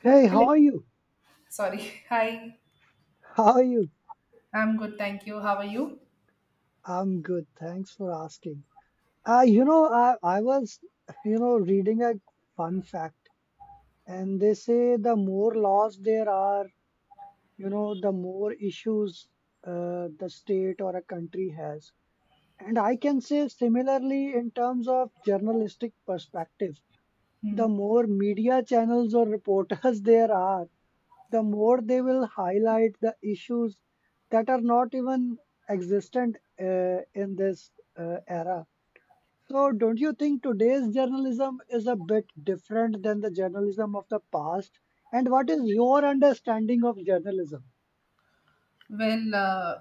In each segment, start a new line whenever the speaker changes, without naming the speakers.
Hey, how
Hello.
are you?
Sorry. Hi.
How are you?
I'm good. Thank you. How are you?
I'm good. Thanks for asking. I was, reading a fun fact, and they say the more laws there are, you know, the more issues the state or a country has. And I can say similarly in terms of journalistic perspective,
Hmm.
the more media channels or reporters there are, the more they will highlight the issues that are not even existent in this era. So, don't you think today's journalism is a bit different than the journalism of the past? And what is your understanding of journalism?
Well,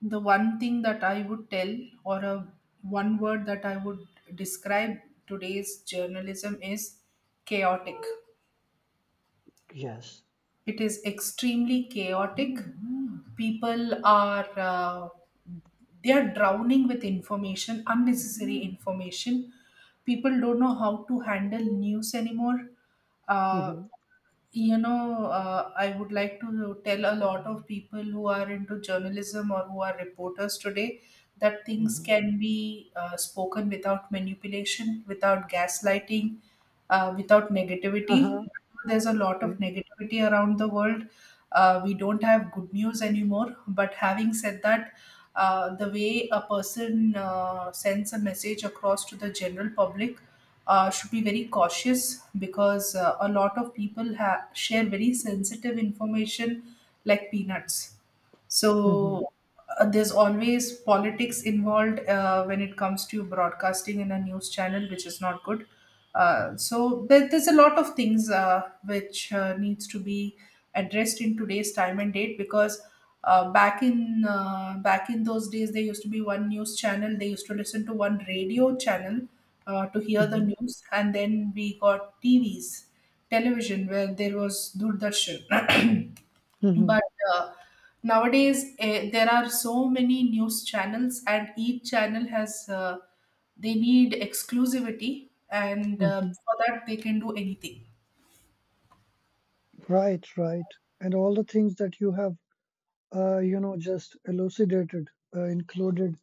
the one thing that I would or a, one word that I would describe today's journalism is chaotic.
Yes.
It is extremely chaotic. People are they are drowning with information, unnecessary information. People don't know how to handle news anymore. Uh,
Mm-hmm.
I would like to tell a lot of people who are into journalism or who are reporters today that things
Mm-hmm.
can be spoken without manipulation, without gaslighting, without negativity.
Uh-huh.
There's a lot
Yeah.
of negativity around the world. We don't have good news anymore. But having said that, the way a person sends a message across to the general public should be very cautious because a lot of people share very sensitive information like peanuts
Mm-hmm.
so there's always politics involved when it comes to broadcasting in a news channel, which is not good. There's a lot of things which needs to be addressed in today's time and date because back in those days there used to be one news channel. They used to listen to one radio channel to hear the
Mm-hmm.
news, and then we got TVs, television, where there was Doordarshan.
Mm-hmm.
But uh, nowadays there are so many news channels, and each channel has, they need exclusivity, and
hmm
for that they can do anything.
Right, right. And all the things that you have, just elucidated, included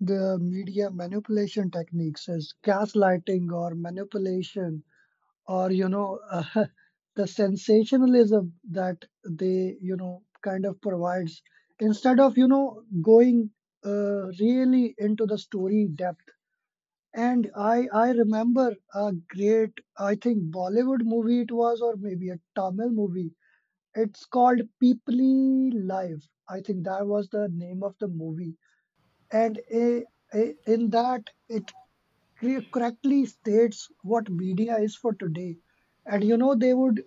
the media manipulation techniques as gaslighting or manipulation or you know the sensationalism that they you know kind of provides instead of you know going really into the story depth. And I remember a great, I think, Bollywood movie it was, or maybe a Tamil movie. It's called Peoply Life. I think that was the name of the movie. And in that it correctly states what media is for today, and you know they would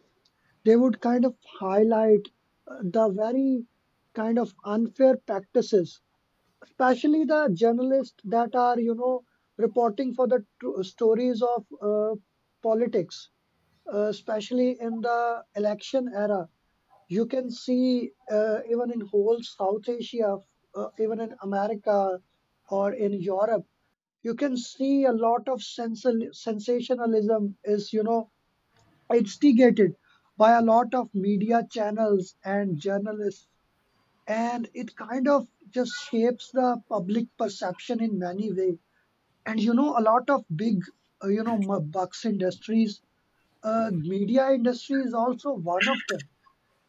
they would kind of highlight the very kind of unfair practices, especially the journalists that are you know reporting for the stories of politics, especially in the election era. You can see even in whole South Asia, even in America or in Europe, you can see a lot of sensationalism is, you know, instigated by a lot of media channels and journalists. And it kind of just shapes the public perception in many ways. And, you know, a lot of big, bucks industries, media industry is also one of them.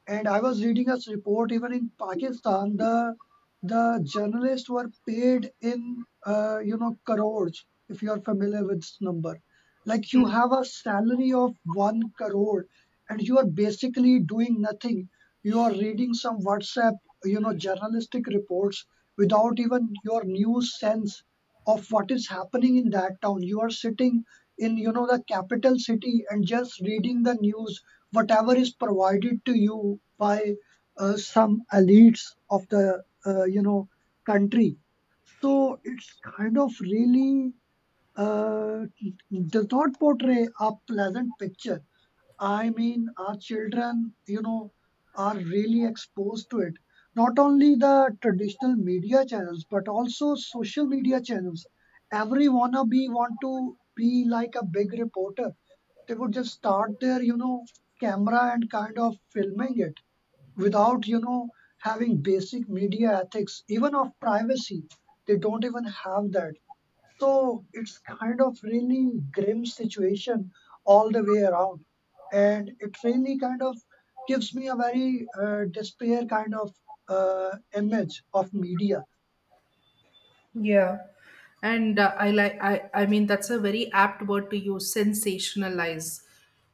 And I was reading a report even in Pakistan, the journalists were paid in crores, if you're familiar with this number. Like you have a salary of one crore and you are basically doing nothing. You are reading some WhatsApp, you know, journalistic reports without even your news sense of what is happening in that town. You are sitting in, you know, the capital city and just reading the news whatever is provided to you by some elites of the country. So it's kind of really uh, does not portray a pleasant picture. I mean our children you know are really exposed to it, not only the traditional media channels but also social media channels. Every wannabe want to be like a big reporter. They would just start their you know camera and kind of filming it without you know having basic media ethics even of privacy. They don't even have that. So it's kind of really grim situation all the way around, and it really kind of gives me a very despair kind of uh, image of media.
Yeah. And I like, I mean, that's a very apt word to use, sensationalize.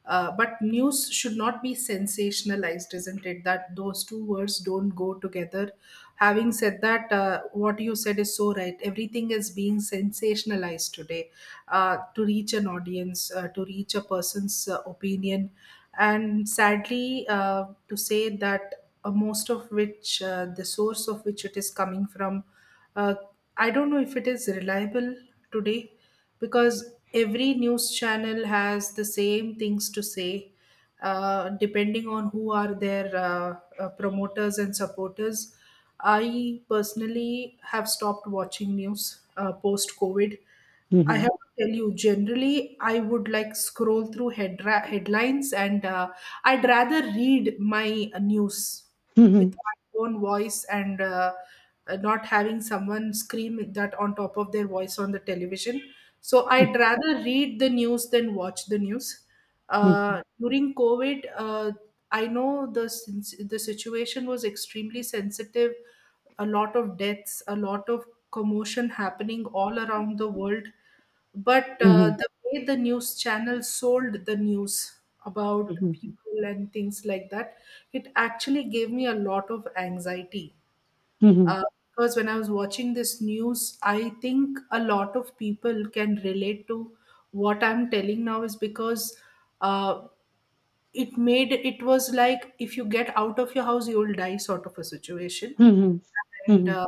But news should not be sensationalized, isn't it? That those two words don't go together. Having said that, what you said is so right. Everything is being sensationalized today to reach an audience, to reach a person's opinion. And sadly, to say that most of which, the source of which it is coming from, uh, I don't know if it is reliable today because every news channel has the same things to say, depending on who are their promoters and supporters. I personally have stopped watching news post COVID. I
Mhm.
have to tell you, generally, I would like scroll through headlines, and I'd rather read my news with
Mhm.
my own voice, and not having someone scream that on top of their voice on the television. So I'd rather read the news than watch the news.
Mhm.
During COVID, I know the situation was extremely sensitive, a lot of deaths, a lot of commotion happening all around the world. But
Mhm.
the way the news channel sold the news about
Mhm.
people and things like that, it actually gave me a lot of anxiety.
Mhm.
Uh,
Mhm.
because when I was watching this news, I think a lot of people can relate to what I'm telling now, is because uh, it made, it was like if you get out of your house, you will die sort of a situation.
Mhm.
And
Mhm.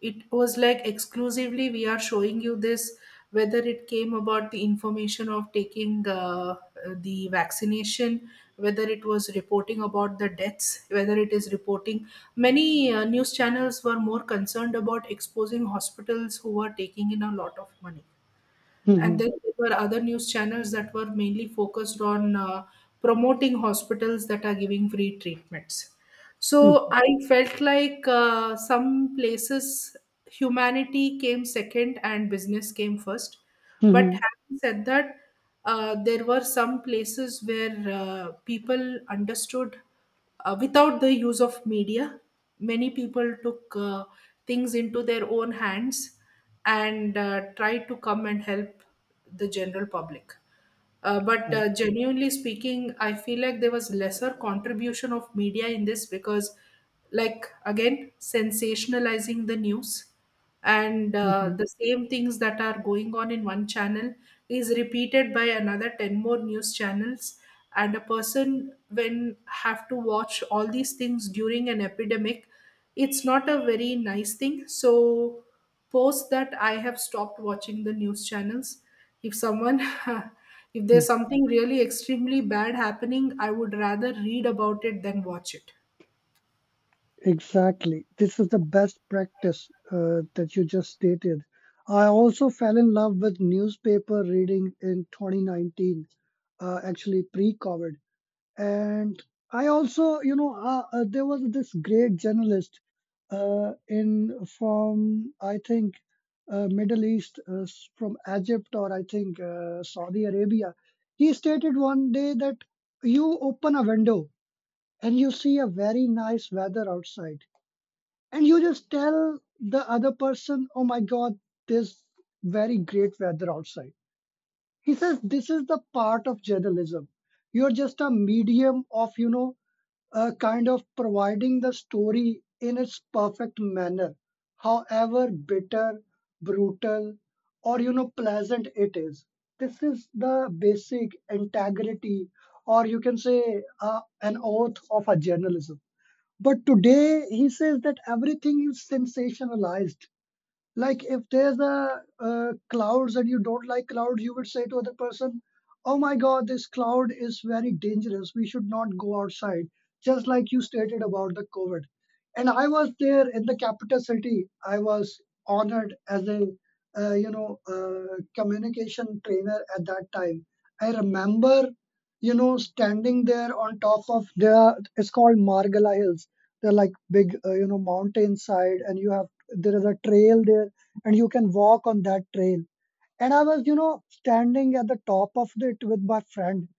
it was like exclusively we are showing you this, whether it came about the information of taking the vaccination, whether it was reporting about the deaths, whether it is reporting. Many news channels were more concerned about exposing hospitals who were taking in a lot of money, and
Mhm.
then there were other news channels that were mainly focused on promoting hospitals that are giving free treatments. So I felt like some places humanity came second and business came first. But
Mhm.
having said that, there were some places where people understood without the use of media. Many people took things into their own hands and tried to come and help the general public. But genuinely speaking, I feel like there was lesser contribution of media in this because, like, again, sensationalizing the news, and
Mhm,
the same things that are going on in one channel is repeated by another 10 more news channels, and a person when have to watch all these things during an epidemic, it's not a very nice thing. So post that I have stopped watching the news channels. If someone, if there's
mhm.
something really extremely bad happening, I would rather read about it than watch it.
Exactly. This is the best practice that you just stated. I also fell in love with newspaper reading in 2019, actually pre-COVID. And I also, there was this great journalist in from, I think, Middle East, from Egypt or I think Saudi Arabia. He stated one day that you open a window and you see a very nice weather outside, and you just tell the other person, "Oh my God, this very great weather outside." He says this is the part of journalism. You're just a medium of you know kind of providing the story in its perfect manner, however bitter, brutal, or you know pleasant it is. This is the basic integrity, or you can say an oath of a journalism. But today, he says that everything is sensationalized. Like if there's a clouds and you don't like clouds, you would say to other person, "Oh my God, this cloud is very dangerous. We should not go outside." Just like you stated about the COVID, and I was there in the capital city. I was honored as a communication trainer at that time. I remember you know standing there on top of the, it's called Margala Hills. They're like big, mountainside, and you have there is a trail there and you can walk on that trail. And I was you know standing at the top of it with my friend,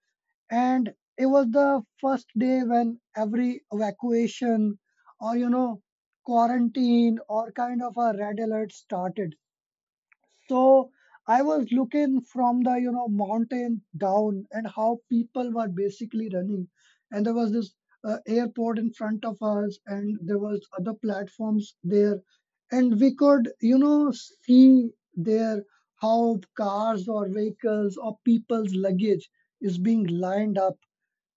and it was the first day when every evacuation or you know quarantine or kind of a red alert started. So I was looking from the you know mountain down and how people were basically running, and there was this airport in front of us, and there was other platforms there, and we could you know see there how cars or vehicles or people's luggage is being lined up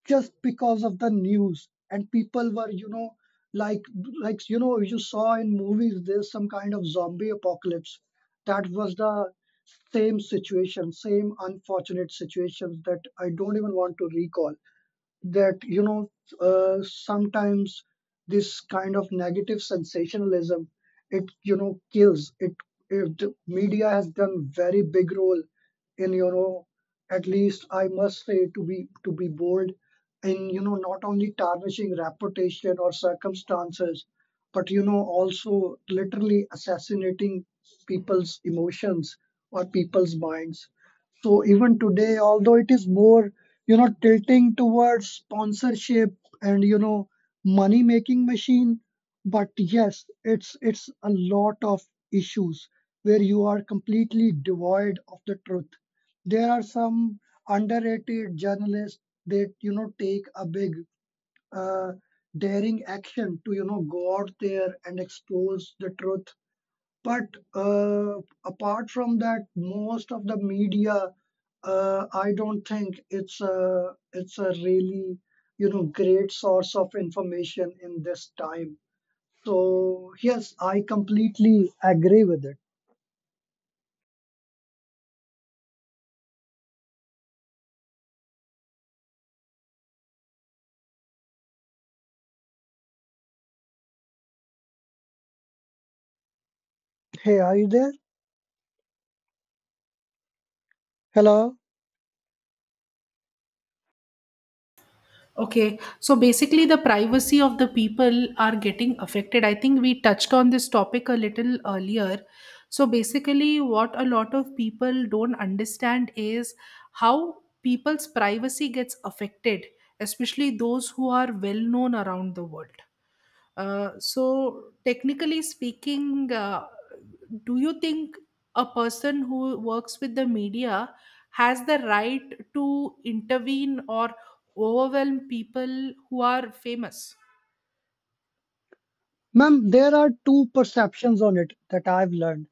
just because of the news. And people were you know like like you know you saw in movies, there's some kind of zombie apocalypse. That was the same situation, same unfortunate situations that I don't even want to recall. That you know sometimes this kind of negative sensationalism it you know kills it, the media has done very big role in you know, at least I must say, to be, bold, in you know not only tarnishing reputation or circumstances but you know also literally assassinating people's emotions or people's minds. So even today, although it is more you know tilting towards sponsorship and you know money making machine, but yes, it's a lot of issues where you are completely devoid of the truth. There are some underrated journalists that you know take a big uh, daring action to you know go out there and expose the truth. But uh, apart from that, most of the media, I don't think it's a really you know great source of information in this time. So yes, I completely agree with it. Hey, are you there? Hello,
Okay, so basically, the privacy of the people are getting affected. I think we touched on this topic a little earlier. So basically, what a lot of people don't understand is how people's privacy gets affected, especially those who are well known around the world. So technically speaking, do you think a person who works with the media has the right to intervene or overwhelm people who are famous?
ma'am. There are two perceptions on it that I've learned.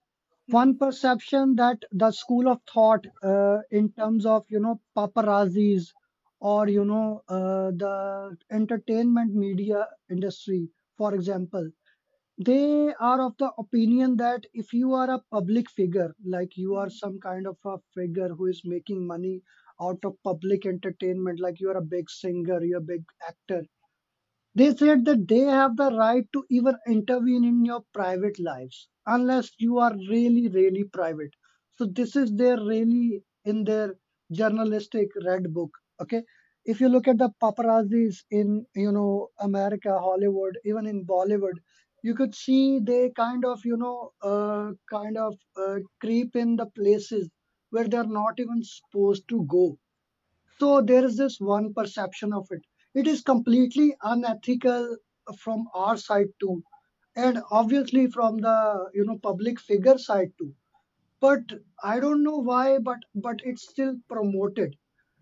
Hmm.
One perception that the school of thought in terms of you know paparazzis or you know the entertainment media industry, for example, they are of the opinion that if you are a public figure, like you are
Hmm.
some kind of a figure who is making money out of public entertainment, like you are a big singer, you're a big actor, they said that they have the right to even intervene in your private lives unless you are really, really private. So this is their really in their journalistic red book. Okay. If you look at the paparazzis in, you know, America, Hollywood, even in Bollywood, you could see they kind of, you know, creep in the places where they're not even supposed to go. So there is this one perception of it. It is completely unethical from our side too, and obviously from the you know public figure side too. But I don't know why, but it's still promoted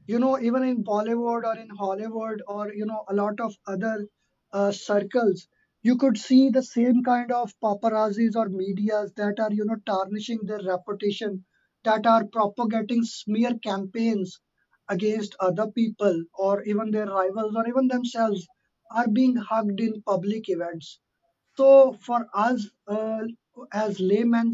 you know even in Bollywood or in Hollywood or you know a lot of other circles. You could see the same kind of paparazzis or medias that are you know tarnishing their reputation, that are propagating smear campaigns against other people or even their rivals or even themselves, are being hugged in public events. So for us, as laymen,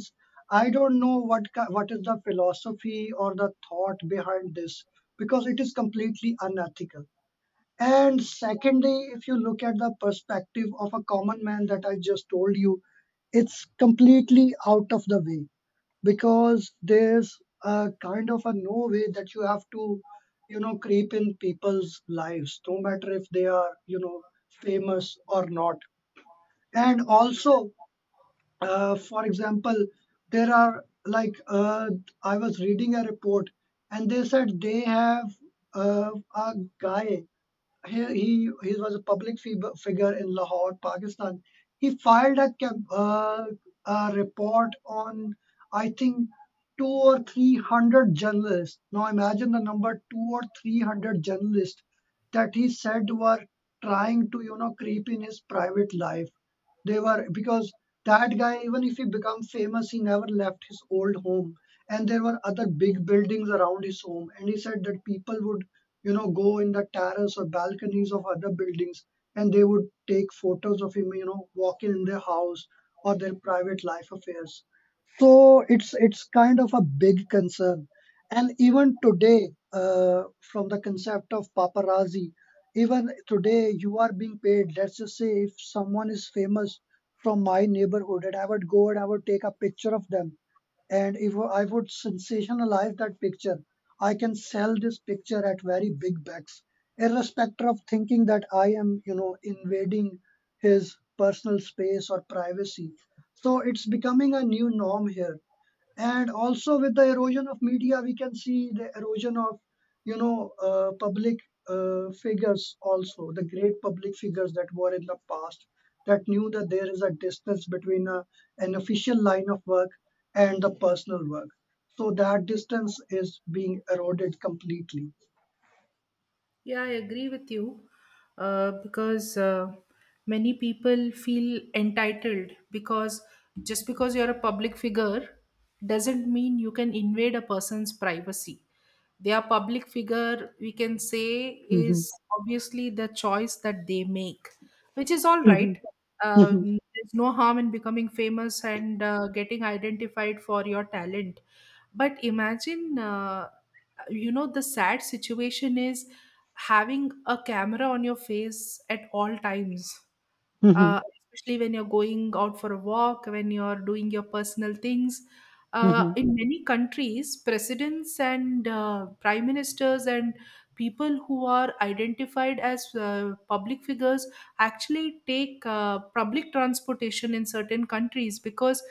I don't know what what is the philosophy or the thought behind this, because it is completely unethical. And secondly, if you look at the perspective of a common man that I just told you, it's completely out of the way, because there's a kind of a no way that you have to, you know, creep in people's lives, no matter if they are, you know, famous or not. And also, for example, there are like I was reading a report and they said they have a guy, he was a public figure in Lahore, Pakistan. He filed a, a report on, I think, two or three hundred journalists. Now imagine the number, two or three hundred journalists, that he said were trying to you know creep in his private life. They were, because that guy, even if he become famous, he never left his old home. And there were other big buildings around his home. And he said that people would, you know, go in the terrace or balconies of other buildings, and they would take photos of him, you know, walking in their house or their private life affairs. So it's kind of a big concern. And even today, from the concept of paparazzi, even today you are being paid. Let's just say if someone is famous from my neighborhood, and I would go and I would take a picture of them, and if I would sensationalize that picture, I can sell this picture at very big bucks, irrespective of thinking that I am, you know, invading his personal space or privacy. So it's becoming a new norm here. And also with the erosion of media, we can see the erosion of, you know, public figures also, the great public figures that were in the past that knew that there is a distance between a, an official line of work and the personal work. So that distance is being eroded completely.
Yeah, I agree with you, because many people feel entitled because just because you're a public figure doesn't mean you can invade a person's privacy. Their public figure, we can say,
Mm-hmm.
is obviously the choice that they make, which is all
Mm-hmm.
right.
Mm-hmm.
There's no harm in becoming famous and getting identified for your talent. But imagine, you know, the sad situation is having a camera on your face at all times,
Mm-hmm.
uh, especially when you're going out for a walk, when you're doing your personal things.
Mm-hmm.
In many countries, presidents and prime ministers and people who are identified as public figures actually take public transportation in certain countries because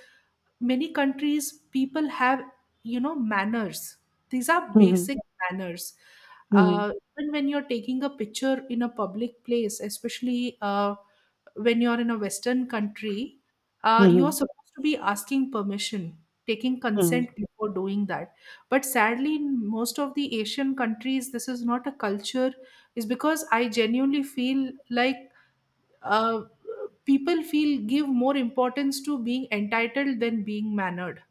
many countries people have, you know, manners, these are
Mm-hmm.
basic manners,
Mm-hmm.
uh, even when you're taking a picture in a public place, especially when you're in a western country,
Mm-hmm.
you're supposed to be asking permission, taking consent
Mm-hmm.
before doing that. But sadly, in most of the Asian countries, this is not a culture, is because I genuinely feel like uh, people feel, give more importance to being entitled than being mannered.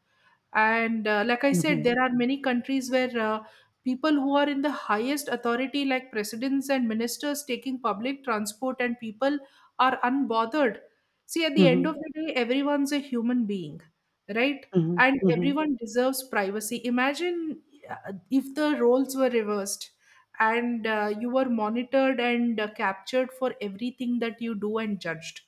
And like I
Mm-hmm.
said,
Mm-hmm.
there are many countries where people who are in the highest authority, like presidents and ministers, taking public transport, and people are unbothered. See, at the end
Mm-hmm.
of the day, everyone's a human being, right? And
Mm-hmm.
everyone deserves privacy. Imagine if the roles were reversed, and you were monitored and captured for everything that you do and judged.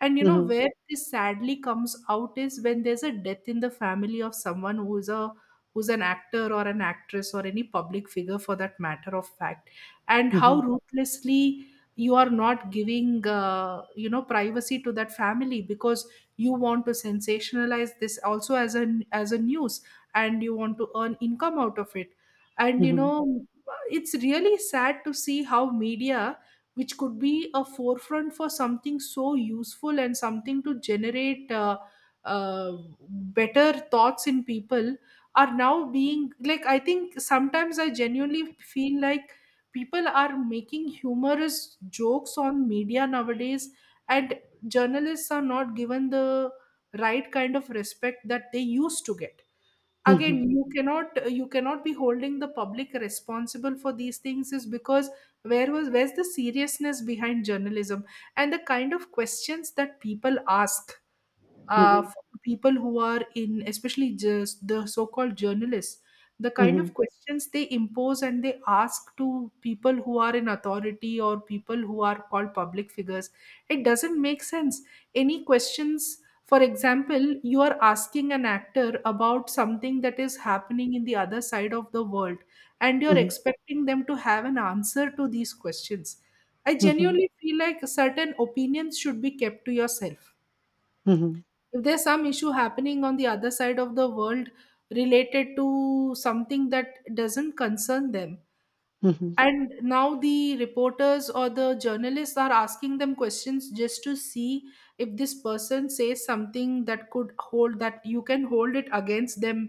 And you know
Mm-hmm.
where this sadly comes out, is when there's a death in the family of someone who is a who's an actor or an actress or any public figure for that matter of fact, and how ruthlessly you are not giving, you know, privacy to that family because you want to sensationalize this also as an as a news, and you want to earn income out of it. And you
Mm-hmm.
know, it's really sad to see how media, which could be a forefront for something so useful and something to generate uh, better thoughts in people, are now being like, I think sometimes I genuinely feel like people are making humorous jokes on media nowadays, and journalists are not given the right kind of respect that they used to get. Again, you cannot be holding the public responsible for these things, is because where's the seriousness behind journalism and the kind of questions that people ask,
Mm-hmm.
for people who are in, especially just the so-called journalists, the kind of
Mm-hmm.
questions they impose and they ask to people who are in authority or people who are called public figures, it doesn't make sense. Any questions, for example, you are asking an actor about something that is happening in the other side of the world, and you're
Mhm,
expecting them to have an answer to these questions. I
mhm,
genuinely feel like certain opinions should be kept to yourself
mhm,
if there's some issue happening on the other side of the world related to something that doesn't concern them,
mhm,
and now the reporters or the journalists are asking them questions just to see if this person says something that could hold that you can hold it against them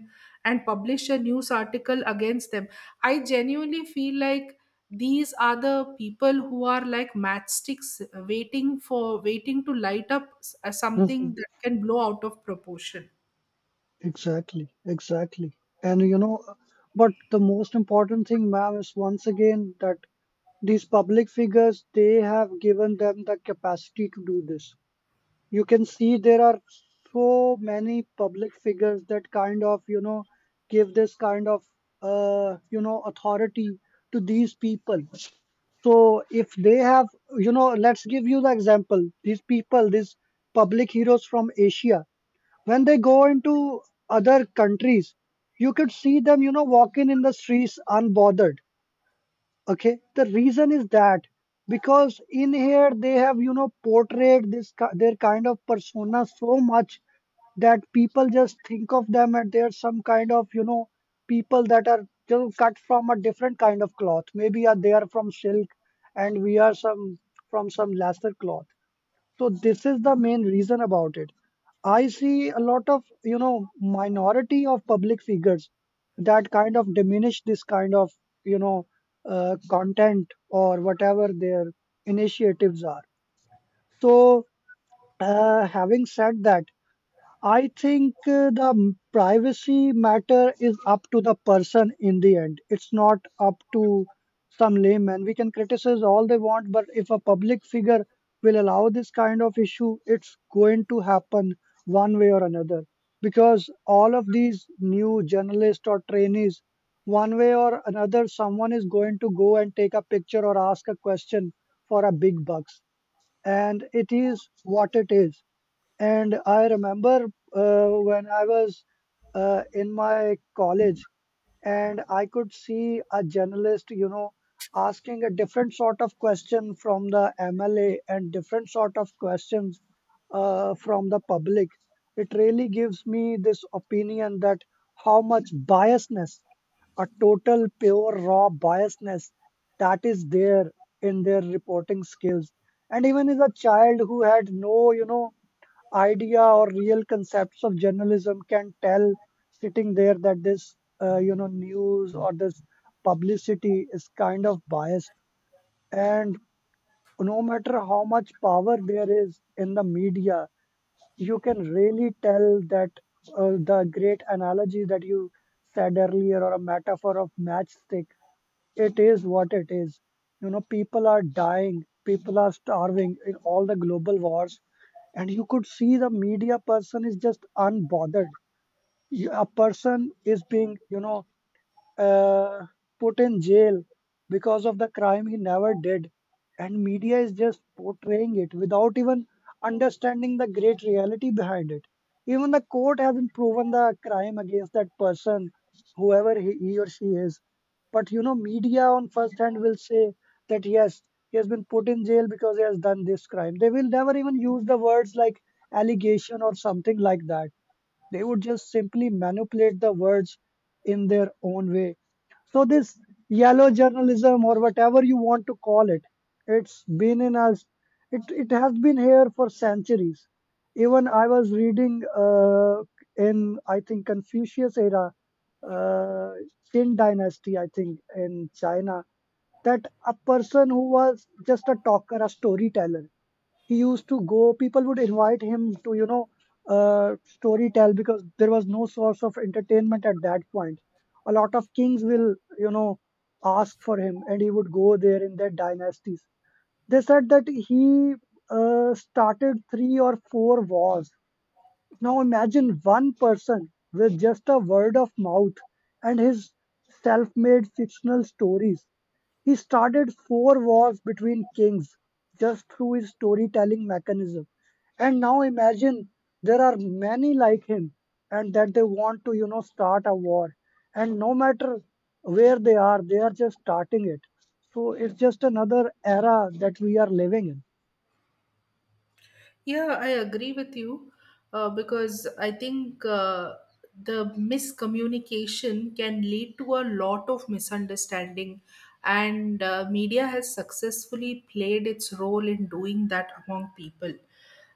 and publish a news article against them. I genuinely feel like these are the people who are like matchsticks, waiting to light up something
mhm.
that can blow out of proportion.
Exactly, exactly. And you know, but the most important thing, ma'am, is once again that these public figures, they have given them the capacity to do this. You can see there are so many public figures that kind of, you know, give this kind of, you know, authority to these people. So if they have, you know, let's give you the example. These people, these public heroes from Asia, when they go into other countries, you could see them, you know, walking in the streets unbothered. Okay, the reason is that because in here they have, you know, portrayed their kind of persona so much that people just think of them as they're some kind of, you know, people that are still cut from a different kind of cloth. Maybe are they are from silk, and we are some from some lesser cloth. So this is the main reason about it. I see a lot of, you know, minority of public figures that kind of diminish this kind of, you know, content or whatever their initiatives are. So, having said that, I think privacy matter is up to the person in the end. It's not up to some layman. We can criticize all they want, but if a public figure will allow this kind of issue, it's going to happen one way or another. Because all of these new journalists or trainees, one way or another, someone is going to go and take a picture or ask a question for a big bucks. And it is what it is. And I remember, when I was, in my college, and I could see a journalist, you know, asking a different sort of question from the MLA and different sort of questions, from the public. It really gives me this opinion that how much biasness, a total pure raw biasness, that is there in their reporting skills. And even as a child who had no, you know, idea or real concepts of journalism can tell sitting there that this, you know, news or this publicity is kind of biased. And no matter how much power there is in the media, you can really tell that, the great analogy that you said earlier, or a metaphor of matchstick, it is what it is. You know, people are dying, people are starving in all the global wars, and you could see the media person is just unbothered. A person is being, you know, uh, put in jail because of the crime he never did, and media is just portraying it without even understanding the great reality behind it. Even the court hasn't proven the crime against that person, whoever he or she is. But, you know, media on first hand will say that yes, he has been put in jail because he has done this crime. They will never even use the words like allegation or something like that. They would just simply manipulate the words in their own way. So this yellow journalism or whatever you want to call it, it's been in us. It has been here for centuries. Even I was reading, in, I think, Confucius era, uh, Qin dynasty, I think, in China, that a person who was just a talker, a storyteller, he used to go, people would invite him to, you know, story tell, because there was no source of entertainment at that point. A lot of kings will, you know, ask for him, and he would go there in their dynasties. They said that he started three or four wars. Now imagine one person with just a word of mouth and his self made fictional stories. He started four wars between kings just through his storytelling mechanism. And now imagine there are many like him and that they want to, you know, start a war. And no matter where they are just starting it. So it's just another era that we are living
Yeah, I agree with you, because I think the miscommunication can lead to a lot of misunderstanding, and media has successfully played its role in doing that among people.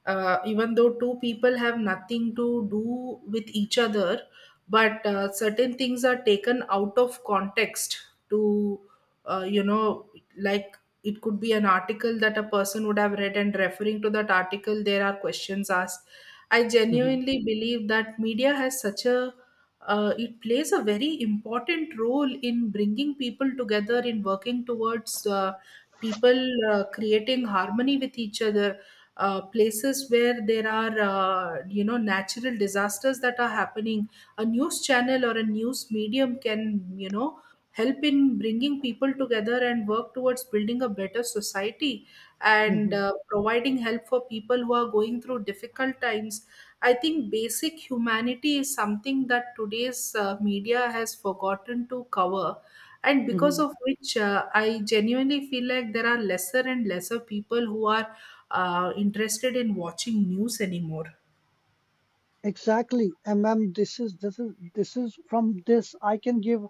Even though two people have nothing to do with each other, but certain things are taken out of context to, you know, like it could be an article that a person would have read, and referring to that article there are questions asked. I
in.
genuinely believe that media has such a it plays a very important role in bringing people together, in working towards people creating harmony with each other, places where there are, you know, natural disasters that are happening, a news channel or a news medium can, you know, help in bringing people together and work towards building a better society, and
Hmm.
providing help for people who are going through difficult times. I think basic humanity is something that today's media has forgotten to cover. And because
Hmm.
of which, I genuinely feel like there are lesser and lesser people who are interested in watching news anymore.
Exactly, and ma'am, this is from this I can give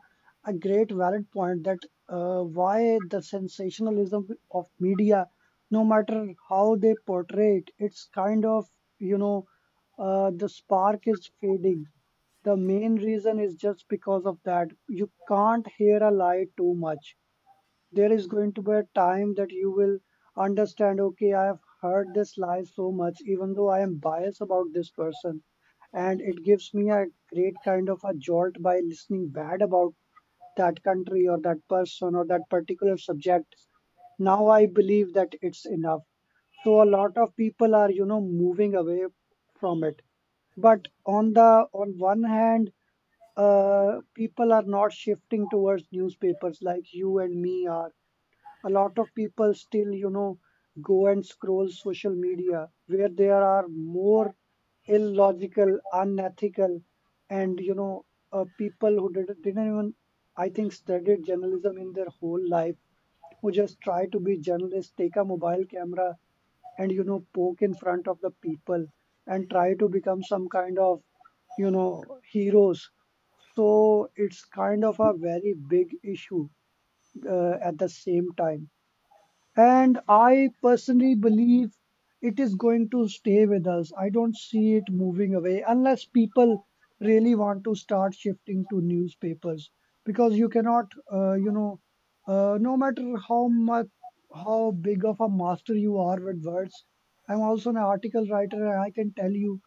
a great valid point that, why the sensationalism of media, no matter how they portray it, it's kind of, you know, the spark is fading. The main reason is just because of that you can't hear a lie too much. There is going to be a time that you will understand. Okay, I have heard this lie so much, even though I am biased about this person, and it gives me a great kind of a jolt by listening bad about that country or that person or that particular subject. Now I believe that it's enough. So a lot of people are, you know, moving away from it. But on one hand, people are not shifting towards newspapers like you and me are. A lot of people still, you know, go and scroll social media, where there are more illogical, unethical, and, you know, people who didn't even, I think, studied journalism in their whole life, who just try to be journalists, take a mobile camera, and, you know, poke in front of the people and try to become some kind of, you know, heroes. So it's kind of a very big issue, at the same time. And I personally believe it is going to stay with us. I don't see it moving away unless people really want to start shifting to newspapers. Because you cannot, you know, no matter how much, how big of a master you are with words. I'm also an article writer and I can tell you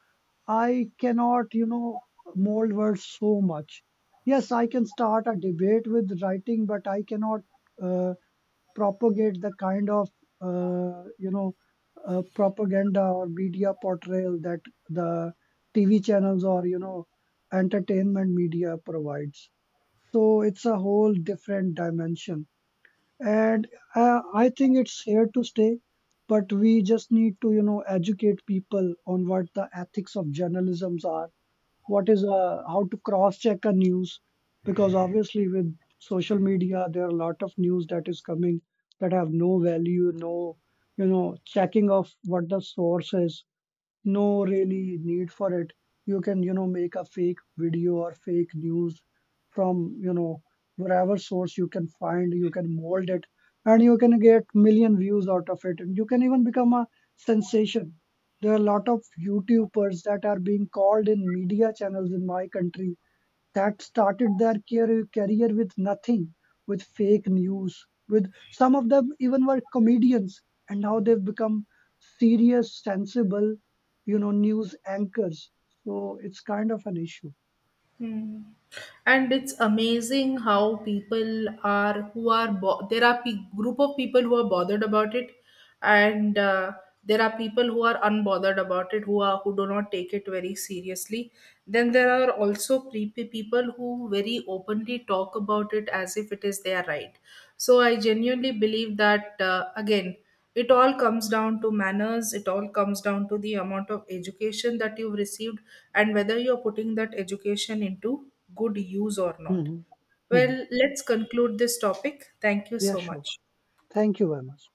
I cannot, you know, mold words so much. Yes, I can start a debate with writing, but I cannot. Uh, Propagate the kind of, you know, propaganda or media portrayal that the TV channels or, you know, entertainment media provides. So it's a whole different dimension, and, I think it's here to stay. But we just need to, you know, educate people on what the ethics of journalism's are, what is, how to cross check a news. Because obviously with social media there are a lot of news that is coming that have no value, no, you know, checking of what the source is, no really need for it. You can, you know, make a fake video or fake news from, you know, wherever source you can find, you can mold it, and you can get million views out of it, and you can even become a sensation. There are a lot of youtubers that are being called in media channels in my country that started their career with nothing, with fake news, with some of them even were comedians, and now they've become serious, sensible, you know, news anchors. So it's kind of an issue.
Hmm. And it's amazing how people are who are there are group of people who are bothered about it, and there are people who are unbothered about it who are who do not take it very seriously. Then there are also people who very openly talk about it as if it is their right. So I genuinely believe that again, it all comes down to manners. It all comes down to the amount of education that you've received and whether you're putting that education into good use or not.
Hmm. Hmm.
Well, let's conclude this topic. Thank you
Yeah,
so
sure.
much.
Thank you very much.